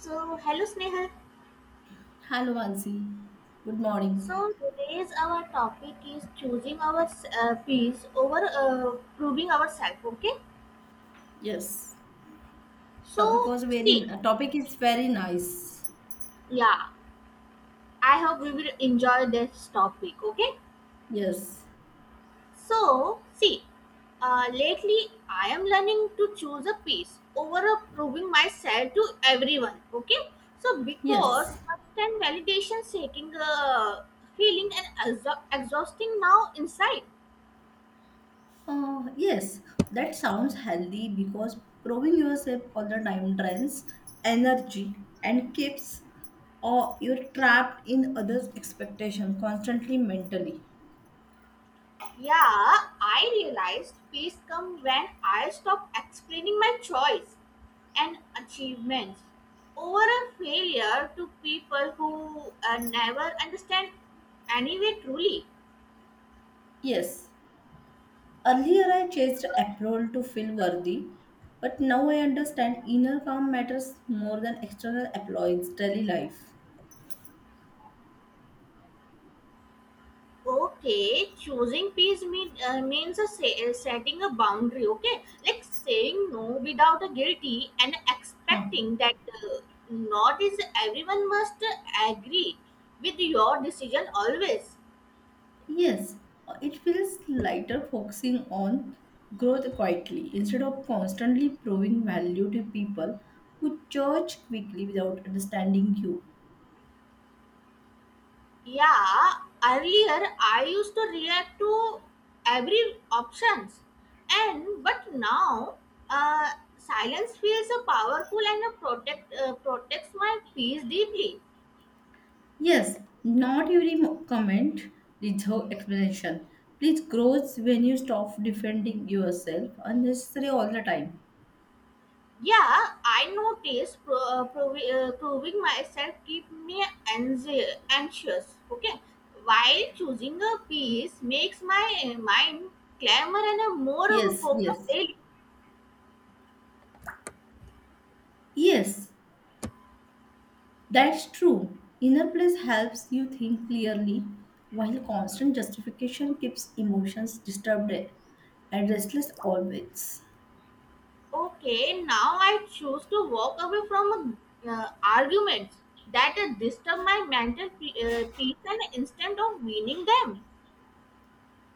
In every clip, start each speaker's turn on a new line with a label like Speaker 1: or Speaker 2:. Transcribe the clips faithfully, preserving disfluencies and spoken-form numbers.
Speaker 1: So, hello Snehal.
Speaker 2: Hello, Mansi. Good morning.
Speaker 1: So, today's our topic is choosing our uh, peace over uh, proving ourselves. Okay.
Speaker 2: Yes, topic
Speaker 1: So,
Speaker 2: was very.
Speaker 1: see,
Speaker 2: uh, Topic is very nice.
Speaker 1: yeah, I hope we will enjoy this topic. Okay.
Speaker 2: Yes,
Speaker 1: So, see, uh, lately I am learning to choose a peace over a proving myself to everyone. Okay. So,
Speaker 2: yes,
Speaker 1: because constant validation seeking uh, feeling and exha- exhausting now inside.
Speaker 2: uh, yes. That sounds healthy because proving yourself all the time drains energy and keeps or you're trapped in others' expectation constantly mentally.
Speaker 1: Yeah, I realized peace comes when I stop explaining my choice and achievements over a failure to people who uh, never understand anyway truly.
Speaker 2: Yes, earlier I chased approval to feel worthy, but now I understand inner calm matters more than external applause daily life.
Speaker 1: Okay, choosing peace mean, uh, means a say, uh, setting a boundary, okay? Like saying no without a guilty and
Speaker 2: Huh.
Speaker 1: expecting that uh, not is everyone must agree with your decision always.
Speaker 2: Yes, uh, it feels lighter focusing on growth quietly instead of constantly proving value to people who judge quickly without understanding you.
Speaker 1: Yeah, earlier I used to react to every options and but now, uh, silence feels so powerful and uh, protect uh, protects my peace deeply.
Speaker 2: Yes, not every mo- comment deserves explanation. Please grows when you stop defending yourself unnecessarily all the time.
Speaker 1: Yeah, I notice pro, uh, provi- uh, proving myself keep me anxi- anxious, okay, while choosing a peace makes my uh, mind calmer and a more
Speaker 2: Yes,
Speaker 1: focused
Speaker 2: yes,
Speaker 1: daily.
Speaker 2: yes. That's true. Inner bliss helps you think clearly, while constant justification keeps emotions disturbed and restless always.
Speaker 1: Okay, now I choose to walk away from uh, arguments that uh, disturb my mental pe- uh, peace and instead of winning them.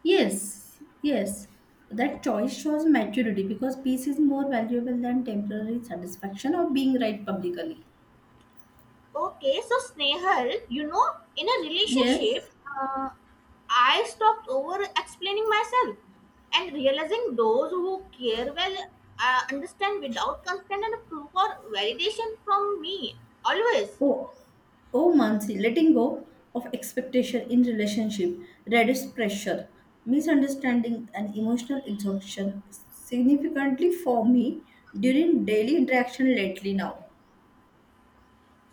Speaker 2: Yes, yes. That choice shows maturity because peace is more valuable than temporary satisfaction or being right publicly.
Speaker 1: Okay, so Snehal, you know, in a
Speaker 2: Yes.
Speaker 1: relationship, uh, I stopped over explaining myself and realizing those who care well uh, understand without constant and proof or validation from me always.
Speaker 2: Oh, oh, Mansi, letting go of expectation in relationship, reduce pressure, misunderstanding, and emotional exhaustion significantly for me during daily interaction lately now.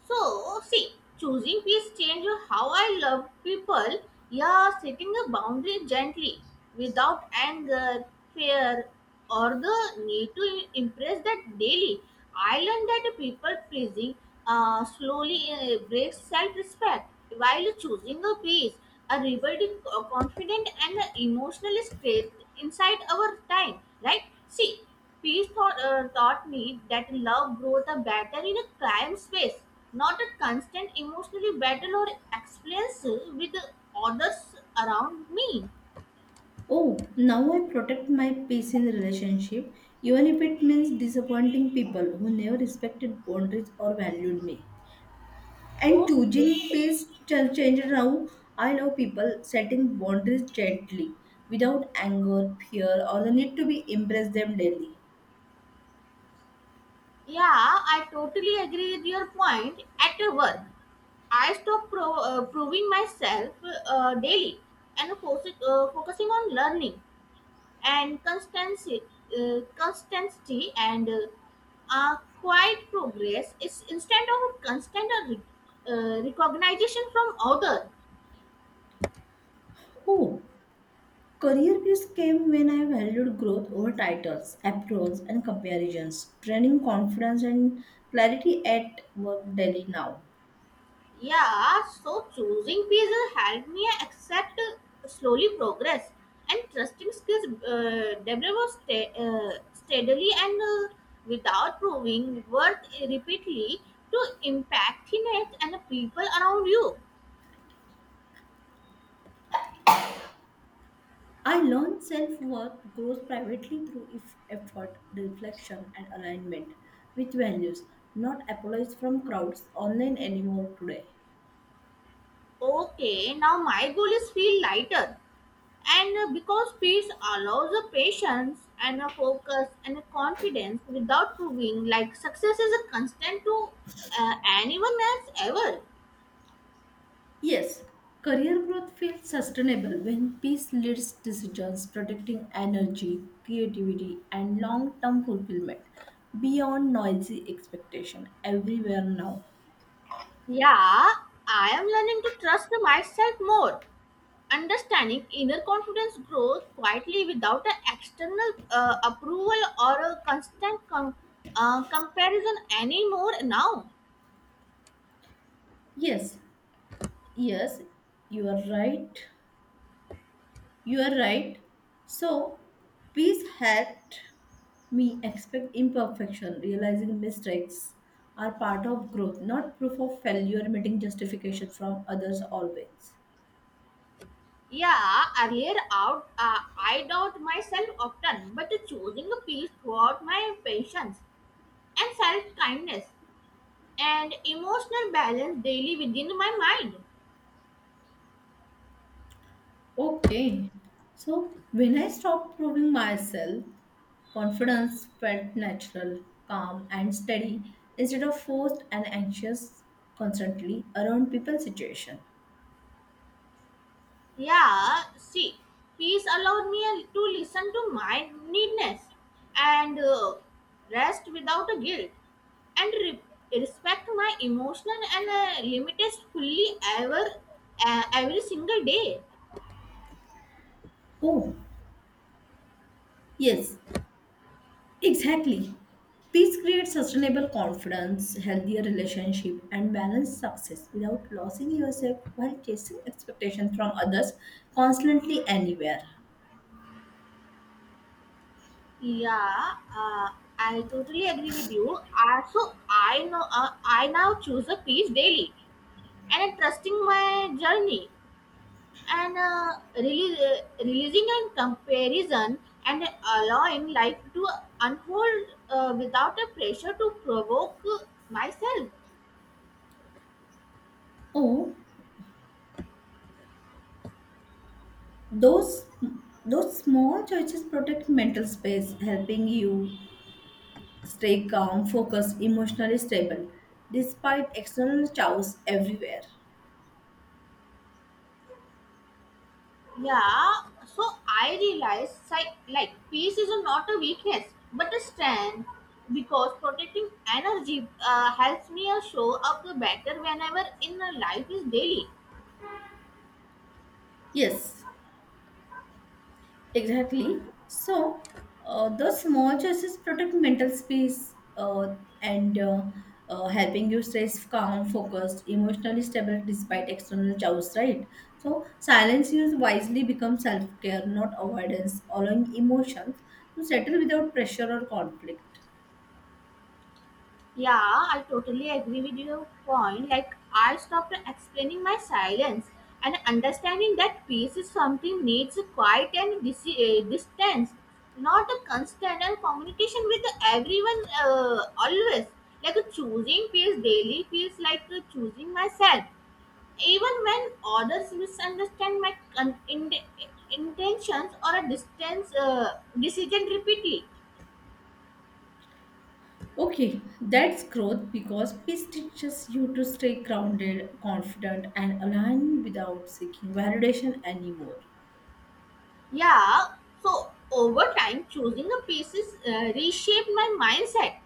Speaker 1: So, see, choosing peace change how I love people. Yeah, setting a boundary gently, without anger, fear, or the need to impress that daily. I learned that people pleasing uh, slowly uh, breaks self-respect, while choosing a peace, a rebuilding uh, confident and emotionally strength inside our time. Right? See, peace thought, uh, taught me that love grows the better in a calm space, not a constant emotional battle or experience with others around me.
Speaker 2: Oh, now I protect my peace in relationship, even if it means disappointing people who never respected boundaries or valued me. And
Speaker 1: Okay.
Speaker 2: choosing pace ch- changes now. I love people setting boundaries gently, without anger, fear, or the need to be impress them daily.
Speaker 1: Yeah, I totally agree with your point. At work, I stop pro- uh, proving myself uh, daily and fo- uh, focusing on learning and constancy, uh, constancy and uh, a quiet progress is instead of constant uh, re- uh, recognition from other.
Speaker 2: Oh, career peace came when I valued growth over titles, applause, and comparisons, training confidence and clarity at work daily now.
Speaker 1: Yeah, so choosing peace helped me accept uh, slowly progress and trusting skills uh, develop sta- uh, steadily and uh, without proving worth repeatedly to impact it and the people around you.
Speaker 2: I learned self worth grows privately through if effort, reflection, and alignment with values, not applause from crowds online anymore today.
Speaker 1: Okay, now my goal is feel lighter. And uh, because peace allows a patience and a focus and a confidence without proving like success is a constant to uh, anyone else ever.
Speaker 2: Yes, career growth feels sustainable when peace leads decisions protecting energy, creativity, and long term fulfillment beyond noisy expectation everywhere now.
Speaker 1: Yeah, I am learning to trust myself more. Understanding inner confidence grows quietly without an external uh, approval or a constant com- uh, comparison anymore now.
Speaker 2: Yes, yes, you are right. You are right. So, peace helped me expect imperfection, realizing mistakes are part of growth, not proof of failure, meeting justification from others always.
Speaker 1: Yeah, earlier out, uh, I doubt myself often, but choosing a peace throughout my patience and self kindness and emotional balance daily within my mind.
Speaker 2: Okay. So when I stopped proving myself, confidence felt natural, calm, and steady instead of forced and anxious constantly around people's situation.
Speaker 1: Yeah, see, peace allowed me to listen to my needness and uh, rest without a guilt and re- respect my emotional and uh, limitations fully ever uh, every single day.
Speaker 2: Oh, yes, exactly. Peace creates sustainable confidence, healthier relationship, and balanced success without losing yourself while chasing expectations from others constantly anywhere.
Speaker 1: Yeah, uh, I totally agree with you. Also, I know uh, I now choose a peace daily, and I'm trusting my journey and uh, release, uh, releasing and comparison and allowing life to unfold uh, without a pressure to provoke myself.
Speaker 2: Oh, Those those small choices protect mental space, helping you stay calm, focused, emotionally stable, despite external chaos everywhere.
Speaker 1: Yeah, so I realize like, like peace is not a weakness but a strength because protecting energy uh, helps me uh, show up better whenever in a life is daily.
Speaker 2: Yes, exactly. So, uh, those small choices protect mental space uh, and uh, uh, helping you stay calm, focused, emotionally stable despite external chaos, right? So, silence used wisely becomes self care, not avoidance, allowing emotions to settle without pressure or conflict.
Speaker 1: Yeah, I totally agree with your point. Like, I stopped explaining my silence and understanding that peace is something needs a quiet and dis- uh, distance, not a constant and communication with everyone uh, always. Like, choosing peace daily feels like uh, choosing myself. Even when others misunderstand my con- in- intentions or a distance uh, decision repeatedly.
Speaker 2: Okay, that's growth because peace teaches you to stay grounded, confident, and aligned without seeking validation anymore.
Speaker 1: Yeah, so over time, choosing the pieces uh, reshaped my mindset,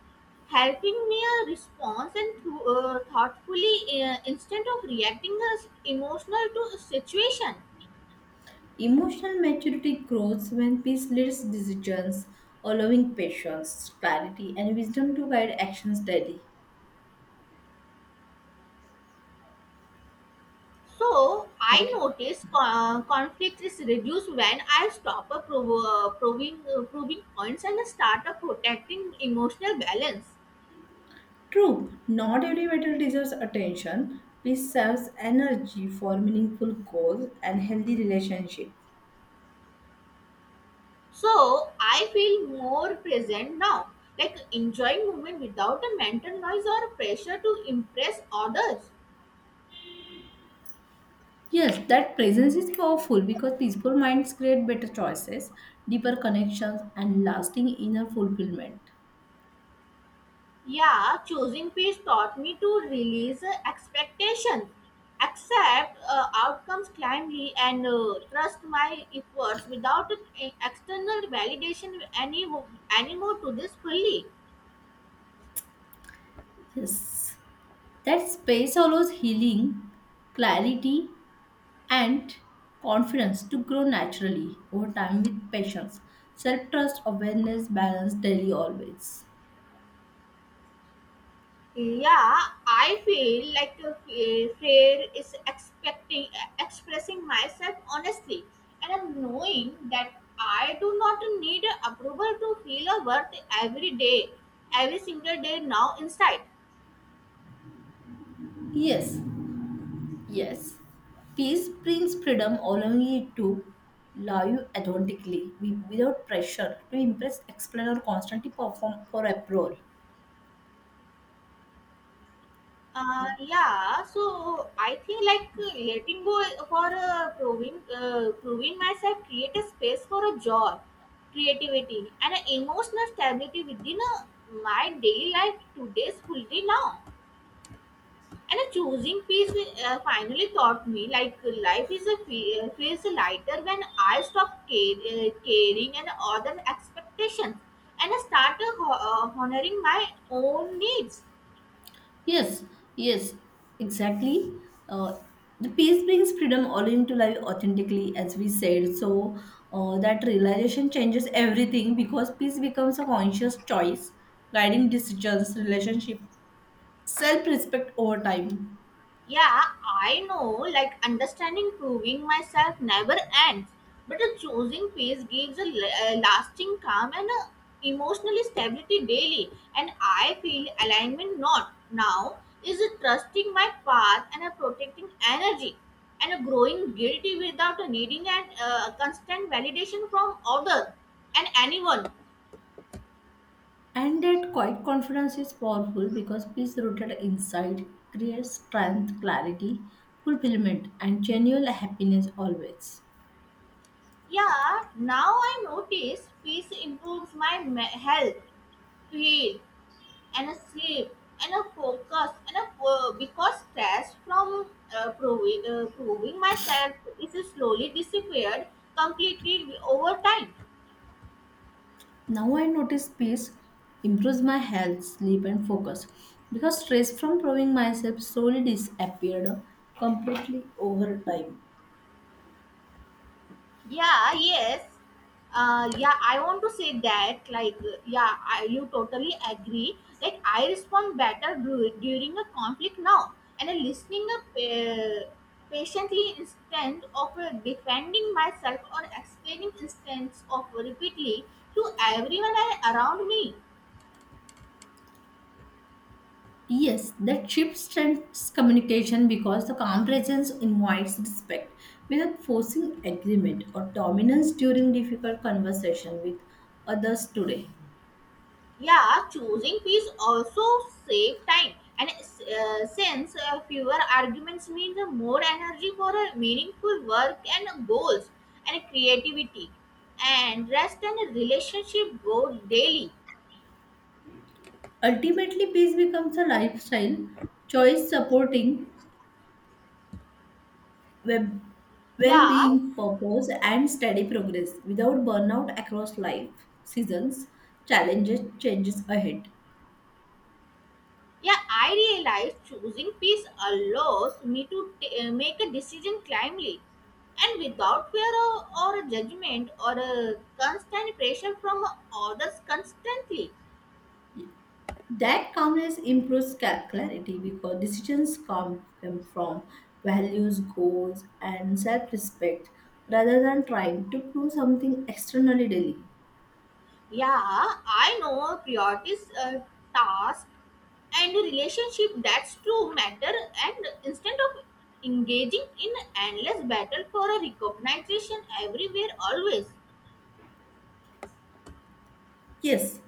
Speaker 1: helping me a response and thro- uh, thoughtfully uh, instead of reacting as emotional to a situation.
Speaker 2: Emotional maturity grows when peace leads decisions, allowing patience, clarity, and wisdom to guide actions daily.
Speaker 1: So I
Speaker 2: Okay.
Speaker 1: noticed uh, conflict is reduced when I stop uh, prov- uh, proving uh, proving points and start uh, protecting emotional balance.
Speaker 2: True, not every battle deserves attention. Peace serves energy for meaningful goals and healthy relationships.
Speaker 1: So I feel more present now, like enjoying movement without a mental noise or pressure to impress others.
Speaker 2: Yes, that presence is powerful because peaceful minds create better choices, deeper connections, and lasting inner fulfillment.
Speaker 1: Yeah, choosing peace taught me to release uh, expectations, accept uh, outcomes calmly, and uh, trust my efforts without uh, external validation any anymore to this fully.
Speaker 2: Yes, that space allows healing, clarity, and confidence to grow naturally over time with patience, self trust, awareness, balance, daily, always.
Speaker 1: Yeah, I feel like a fa- fair is expecting expressing myself honestly, and I'm knowing that I do not need approval to feel a worth every day, every single day now inside.
Speaker 2: Yes, yes. Peace brings freedom, allowing you to love you authentically wi- without pressure to impress, explain, or constantly perform for approval.
Speaker 1: Uh, yeah, so I think like uh, letting go for uh, proving uh, proving myself create a space for a joy, creativity, and an emotional stability within uh, my daily life today's fully now. And a choosing peace uh, finally taught me like life is a fe- uh, feels lighter when I stop care, uh, caring and other expectations and I start uh, ho- uh, honoring my own needs.
Speaker 2: Yes, yes, exactly. Uh, the peace brings freedom all into life authentically, as we said. So uh, that realization changes everything because peace becomes a conscious choice, guiding decisions, relationship, self-respect over time.
Speaker 1: Yeah, I know, like understanding proving myself never ends, but a choosing peace gives a, la- a lasting calm and a emotional stability daily. And I feel alignment not now is a trusting my path and a protecting energy and a growing guilty without a needing and uh, constant validation from others and anyone.
Speaker 2: And that quiet confidence is powerful because peace rooted inside creates strength, clarity, fulfillment, and genuine happiness always.
Speaker 1: Yeah, now I notice peace improves my me- health, feel, and a sleep and a focus and a fo- because stress from uh, proving, uh, proving myself is slowly disappeared completely over time.
Speaker 2: Now I notice peace improves my health, sleep, and focus because stress from proving myself slowly disappeared completely over time.
Speaker 1: Yeah, yes, uh yeah I want to say that like, yeah, I, you totally agree like I respond better du- during a conflict now and I'm listening up uh, patiently instead of uh, defending myself or explaining instance of repeatedly to everyone a- around me.
Speaker 2: Yes, that shift strengthens communication because the calm presence invites respect without forcing agreement or dominance during difficult conversation with others today.
Speaker 1: Yeah, choosing peace also save time, and uh, since uh, fewer arguments means more energy for uh, meaningful work and goals and creativity, and rest and relationship grow daily.
Speaker 2: Ultimately, peace becomes a lifestyle choice supporting web
Speaker 1: Yeah,
Speaker 2: well-being purpose and steady progress without burnout across life seasons challenges changes ahead.
Speaker 1: yeah, I realize choosing peace allows me to t- uh, make a decision calmly and without fear or, or judgment or uh, constant pressure from others constantly.
Speaker 2: That calmness improves ca- clarity because decisions come, come from values goals and self-respect rather than trying to prove something externally daily.
Speaker 1: Yeah, I know priorities, uh, task, and relationship that's true matter. And instead of engaging in endless battle for a recognition everywhere, always.
Speaker 2: Yes.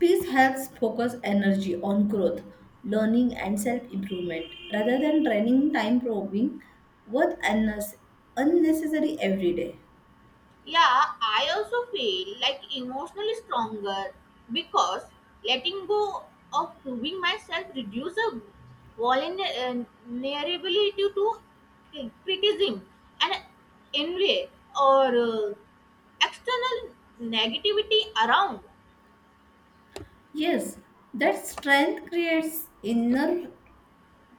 Speaker 2: Peace helps focus energy on growth, learning, and self improvement rather than draining time probing what unnes- unnecessary every day.
Speaker 1: Yeah, I also feel like emotionally stronger because letting go of proving myself reduces a vulnerability to criticism and envy or uh, external negativity around.
Speaker 2: Yes, that strength creates inner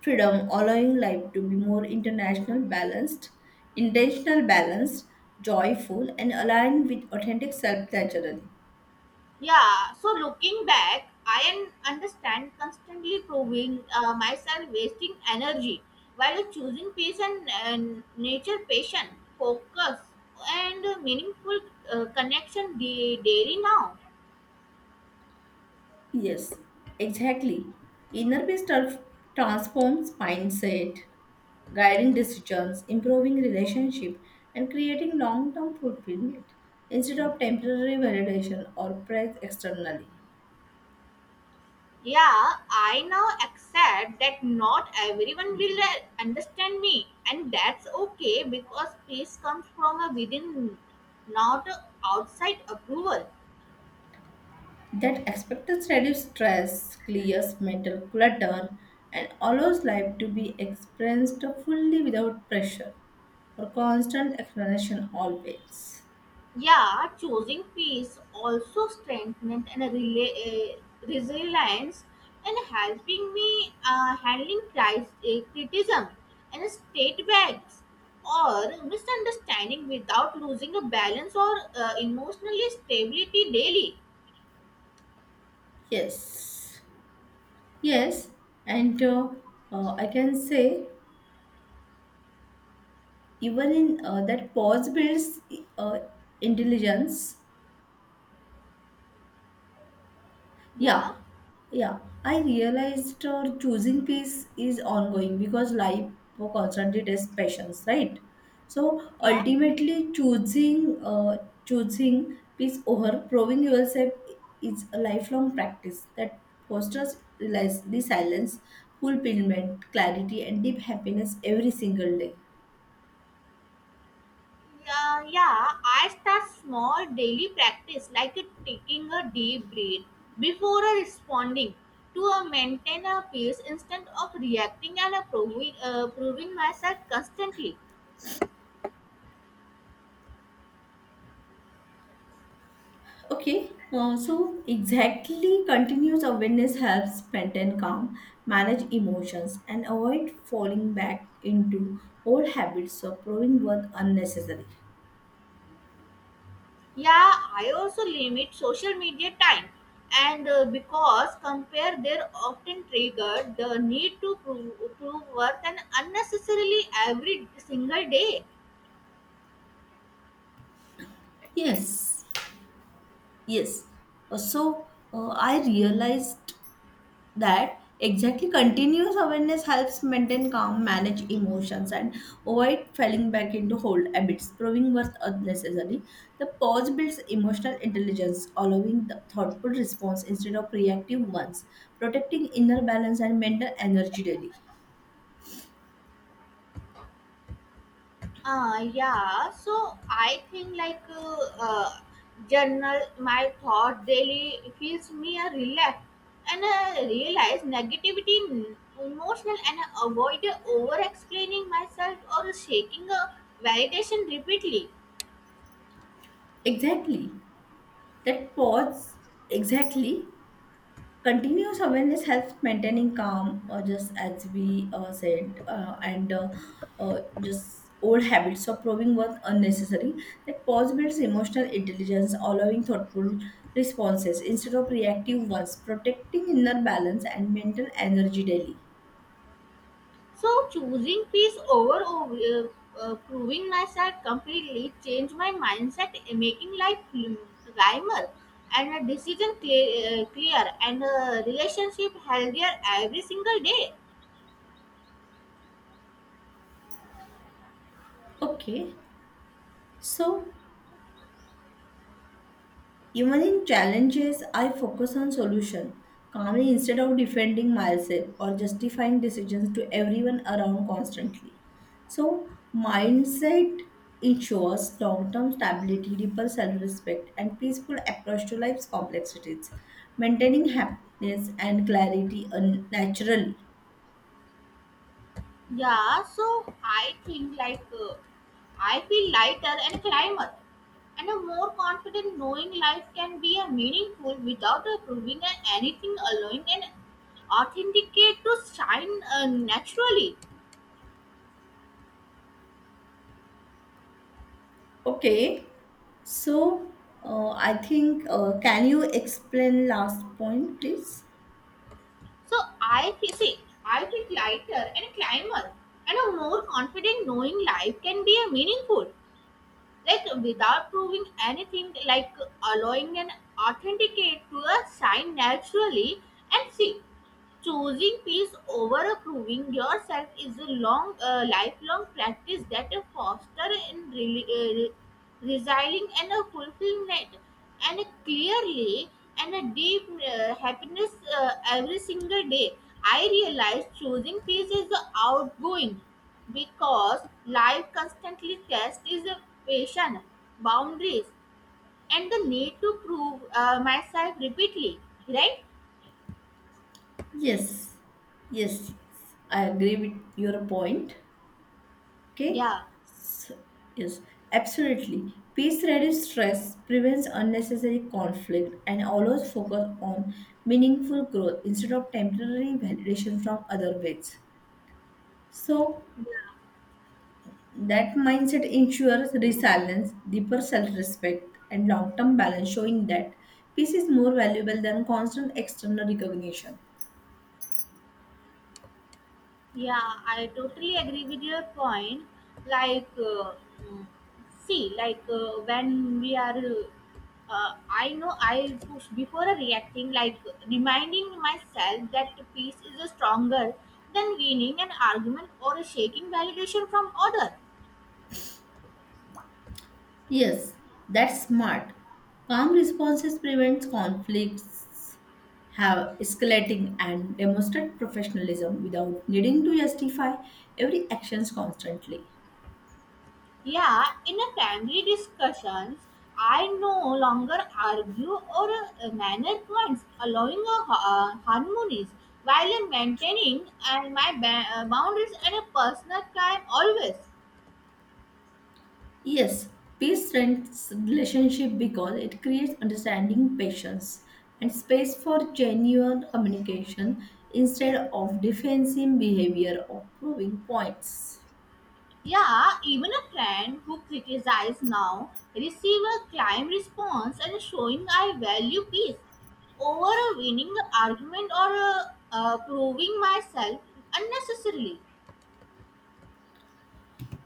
Speaker 2: freedom, allowing life to be more international, balanced, intentional, balanced, joyful, and aligned with authentic self naturally.
Speaker 1: Yeah, so looking back, I un- understand constantly proving uh, myself, wasting energy while choosing peace and, and nature, passion, focus, and meaningful uh, connection da- daily now.
Speaker 2: Yes, exactly. Inner peace tra- transforms mindset, guiding decisions, improving relationship, and creating long-term fulfillment instead of temporary validation or praise externally.
Speaker 1: Yeah, I now accept that not everyone will uh, understand me, and that's okay because peace comes from uh, within, not uh, outside approval.
Speaker 2: That acceptance reduces stress, clears mental clutter, and allows life to be experienced fully without pressure or constant explanation always.
Speaker 1: Yeah, choosing peace also strengthened and rela- uh, resilience and helping me uh, handling cris- uh, criticism and state bags or misunderstanding without losing a balance or uh, emotional stability daily.
Speaker 2: Yes. Yes, and uh, uh, I can say even in uh, that pause builds uh, intelligence.
Speaker 1: Yeah,
Speaker 2: Yeah, yeah. I realized uh, choosing peace is ongoing because life constantly tests patience, right? So
Speaker 1: yeah.
Speaker 2: ultimately, choosing uh, choosing peace over proving yourself is a lifelong practice that fosters res- resilience, fulfillment, clarity, and deep happiness every single day.
Speaker 1: Yeah, yeah, I start small daily practice like a taking a deep breath before a responding to a maintain a peace instead of reacting and a proving, uh, proving myself constantly.
Speaker 2: Okay, uh, so exactly continuous awareness helps maintain calm, manage emotions, and avoid falling back into old habits of proving worth unnecessary.
Speaker 1: Yeah, I also limit social media time and uh, because compare they're often triggered the need to prove, prove worth and unnecessarily every single day.
Speaker 2: Yes. Yes, uh, so uh, I realized that exactly continuous awareness helps maintain calm manage emotions and avoid falling back into old habits proving worth unnecessary. The pause builds emotional intelligence allowing the thoughtful response instead of reactive ones protecting inner balance and mental energy daily.
Speaker 1: uh yeah so I think like uh, uh journal my thought daily feels me a relax and I realize negativity n- emotional and I avoid over explaining myself or shaking a validation repeatedly.
Speaker 2: Exactly, that pause, exactly continuous awareness helps maintaining calm or just as we uh, said uh, and uh, uh, just old habits of proving was unnecessary. That pause builds emotional intelligence allowing thoughtful responses instead of reactive ones protecting inner balance and mental energy daily.
Speaker 1: So choosing peace over uh, uh, proving myself completely changed my mindset, uh, making life calmer and a decision clear, uh, clear and a relationship healthier every single day.
Speaker 2: Okay, so even in challenges, I focus on solution calmly instead of defending myself or justifying decisions to everyone around constantly. So, mindset ensures long-term stability, deeper self-respect, and peaceful approach to life's complexities, maintaining happiness and clarity un- naturally.
Speaker 1: Yeah, so I think like uh, I feel lighter and climber and a more confident knowing life can be a meaningful without a proving a- anything allowing and authenticate to shine uh, naturally.
Speaker 2: Okay, so uh, I think uh, can you explain last point, please?
Speaker 1: So I feel, see, I feel lighter and climber and a more confident knowing life can be a meaningful. Like without proving anything, like allowing an authenticate to a sign naturally. And see, choosing peace over proving yourself is a long, uh, lifelong practice that fosters in re- uh, re- resilient and a fulfillment and a clearly and a deep uh, happiness uh, every single day. I realize choosing peace is a outgoing because life constantly tests is a patient, boundaries, and the need to prove uh, myself repeatedly. Right?
Speaker 2: Yes, yes, yes. I agree with your point. Okay,
Speaker 1: Yeah.
Speaker 2: yes, absolutely. Peace reduces stress, prevents unnecessary conflict, and always focus on meaningful growth instead of temporary validation from other ways. So, that mindset ensures resilience, deeper self respect, and long term balance, showing that peace is more valuable than constant external recognition.
Speaker 1: Yeah, I totally agree with your point. Like, uh, mm, see, like uh, when we are, uh, uh, I know I push before reacting, like reminding myself that peace is stronger than winning an argument or a shaking validation from other.
Speaker 2: Yes, that's smart. Calm responses prevents conflicts, have escalating, and demonstrate professionalism without needing to justify every actions constantly.
Speaker 1: Yeah, in a family discussions, I no longer argue or uh, minor points, allowing a ha- uh, harmonies while maintaining and my ba- uh, boundaries and a personal time always.
Speaker 2: Yes, peace strengthens relationship because it creates understanding, patience, and space for genuine communication instead of defensive behavior or proving points.
Speaker 1: Yeah, even a friend who criticizes now receive a kind response and showing I value peace over a winning argument or uh, uh, proving myself unnecessarily.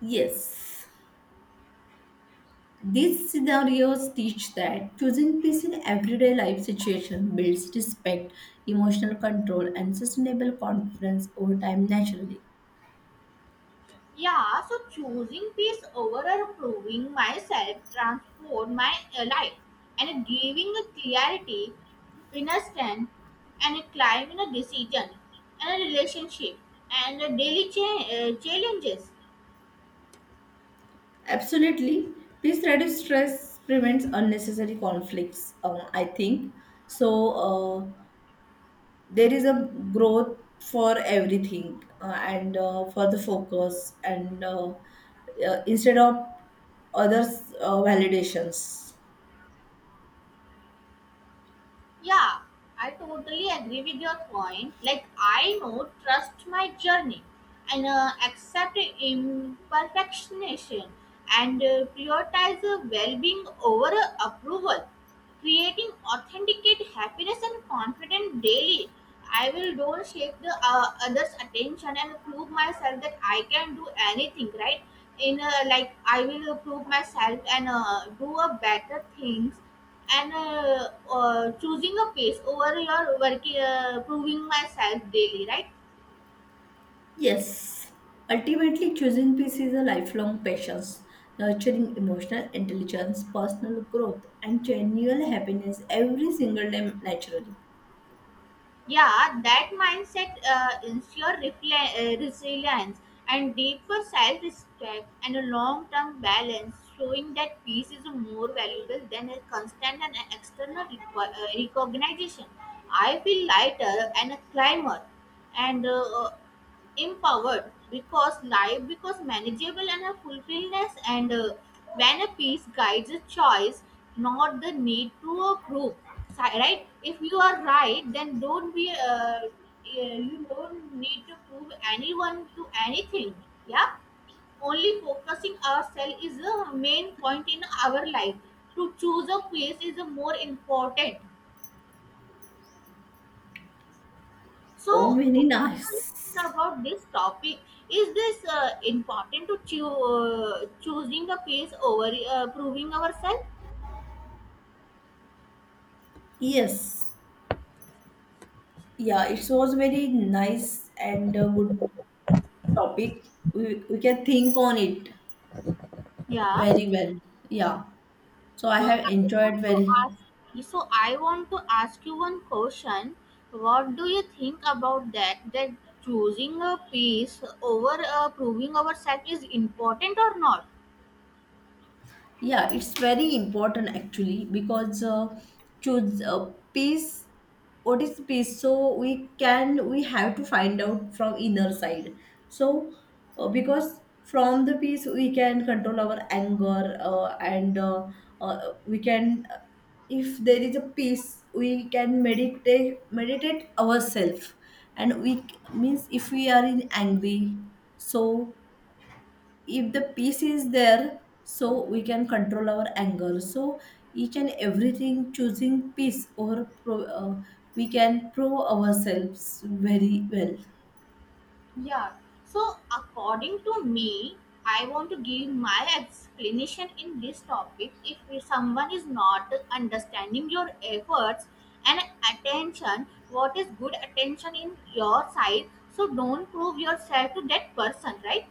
Speaker 2: Yes. These scenarios teach that choosing peace in everyday life situation builds respect, emotional control, and sustainable confidence over time naturally.
Speaker 1: Yeah, so choosing peace over improving myself, transform my uh, life, and giving a clarity, inner strength, and a climb in a decision, and a relationship, and a daily cha- uh, challenges.
Speaker 2: Absolutely, peace reduces stress, prevents unnecessary conflicts. Um, I think so. Uh, there is a growth for everything uh, and uh, for the focus and uh, uh, instead of others uh, validations.
Speaker 1: Yeah, I totally agree with your point. Like I know, trust my journey, and uh, accept imperfection, and uh, prioritize uh, well-being over uh, approval creating authenticate happiness and confidence daily. I will don't shake the uh, others attention and prove myself that I can do anything, right? In uh, like I will prove myself and uh, do a better things and uh, uh, choosing a pace over your working uh, proving myself daily, right?
Speaker 2: Yes, ultimately, choosing peace is a lifelong passion, nurturing emotional intelligence, personal growth, and genuine happiness every single day naturally.
Speaker 1: Yeah, that mindset uh, ensure refle- uh, resilience and deeper self-respect and a long-term balance, showing that peace is more valuable than a constant and external reco- uh, recognition. I feel lighter and a climber, and uh, empowered because life because manageable and a fulfillness and uh, when a peace guides a choice, not the need to approve. Si- right, if you are right then don't be uh, yeah, you don't need to prove anyone to anything. Yeah, only focusing ourselves is the main point in our life. To choose a peace is the more important. So,
Speaker 2: Oh, very
Speaker 1: what do you think
Speaker 2: nice.
Speaker 1: about this topic? Is this uh, important to choo- uh, choosing the pace over uh, proving ourselves?
Speaker 2: Yes, yeah, it was very nice and a good topic. We, we can think on it
Speaker 1: Yeah.
Speaker 2: very well. Yeah, so I
Speaker 1: So
Speaker 2: have
Speaker 1: I
Speaker 2: enjoyed
Speaker 1: want to
Speaker 2: very.
Speaker 1: ask. So I want to ask you one question. What do you think about that? That choosing a pace over uh, proving ourselves is important or not?
Speaker 2: Yeah, it's very important actually because uh, choose uh, peace. What is peace? So we can we have to find out from inner side. So uh, because from the peace we can control our anger uh, and uh, uh, we can uh, if there is a peace we can meditate meditate ourselves and we means if we are in angry so if the peace is there so we can control our anger so each and everything choosing peace over pro, uh, we can pro ourselves very well.
Speaker 1: Yeah. So, according to me, I want to give my explanation in this topic. If someone is not understanding your efforts and attention, what is good attention in your side? So, don't prove yourself to that person, right?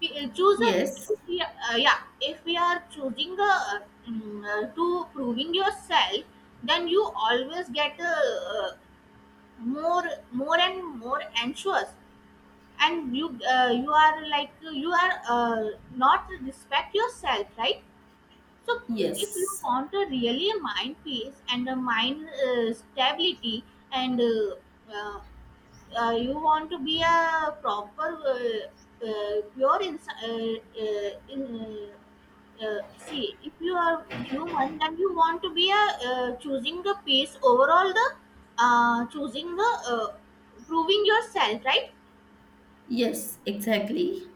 Speaker 1: We uh, choose a
Speaker 2: yes
Speaker 1: yeah, uh, yeah. If we are choosing a, uh, mm, uh, to proving yourself, then you always get uh, uh, more, more and more anxious and you uh, you are like you are uh, not respect yourself, right? So if you
Speaker 2: yes
Speaker 1: want a really mind peace and a mind uh, stability and uh, uh, uh, you want to be a proper uh, uh, pure ins- uh, uh, in, uh, uh, see if you are human then you want to be a uh, choosing the peace overall the uh, choosing the uh, proving yourself, right?
Speaker 2: yes exactly.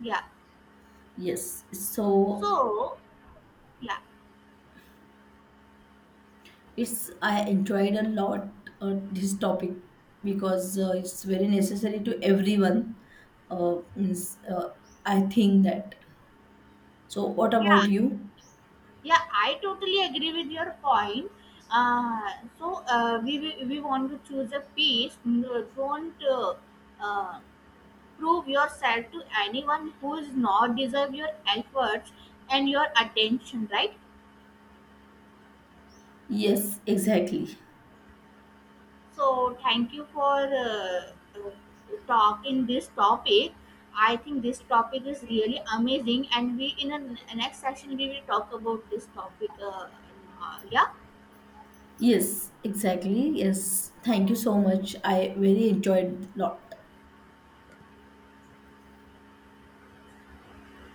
Speaker 1: Yeah.
Speaker 2: Yes, so
Speaker 1: So, yeah,
Speaker 2: it's I enjoyed a lot uh, this topic because uh, it's very necessary to everyone uh, means, uh, I think that. So what about
Speaker 1: yeah,
Speaker 2: you?
Speaker 1: yeah. I totally agree with your point. Uh, so uh, we, we we want to choose a peace. No, don't uh, uh, prove yourself to anyone who is not deserve your efforts and your attention. Right.
Speaker 2: Yes, exactly.
Speaker 1: So thank you for uh, uh, talking this topic. I think this topic is really amazing, and we in a, next session we will talk about this topic. Uh, uh, yeah.
Speaker 2: Yes, exactly. Yes. Thank you so much. I really enjoyed lot.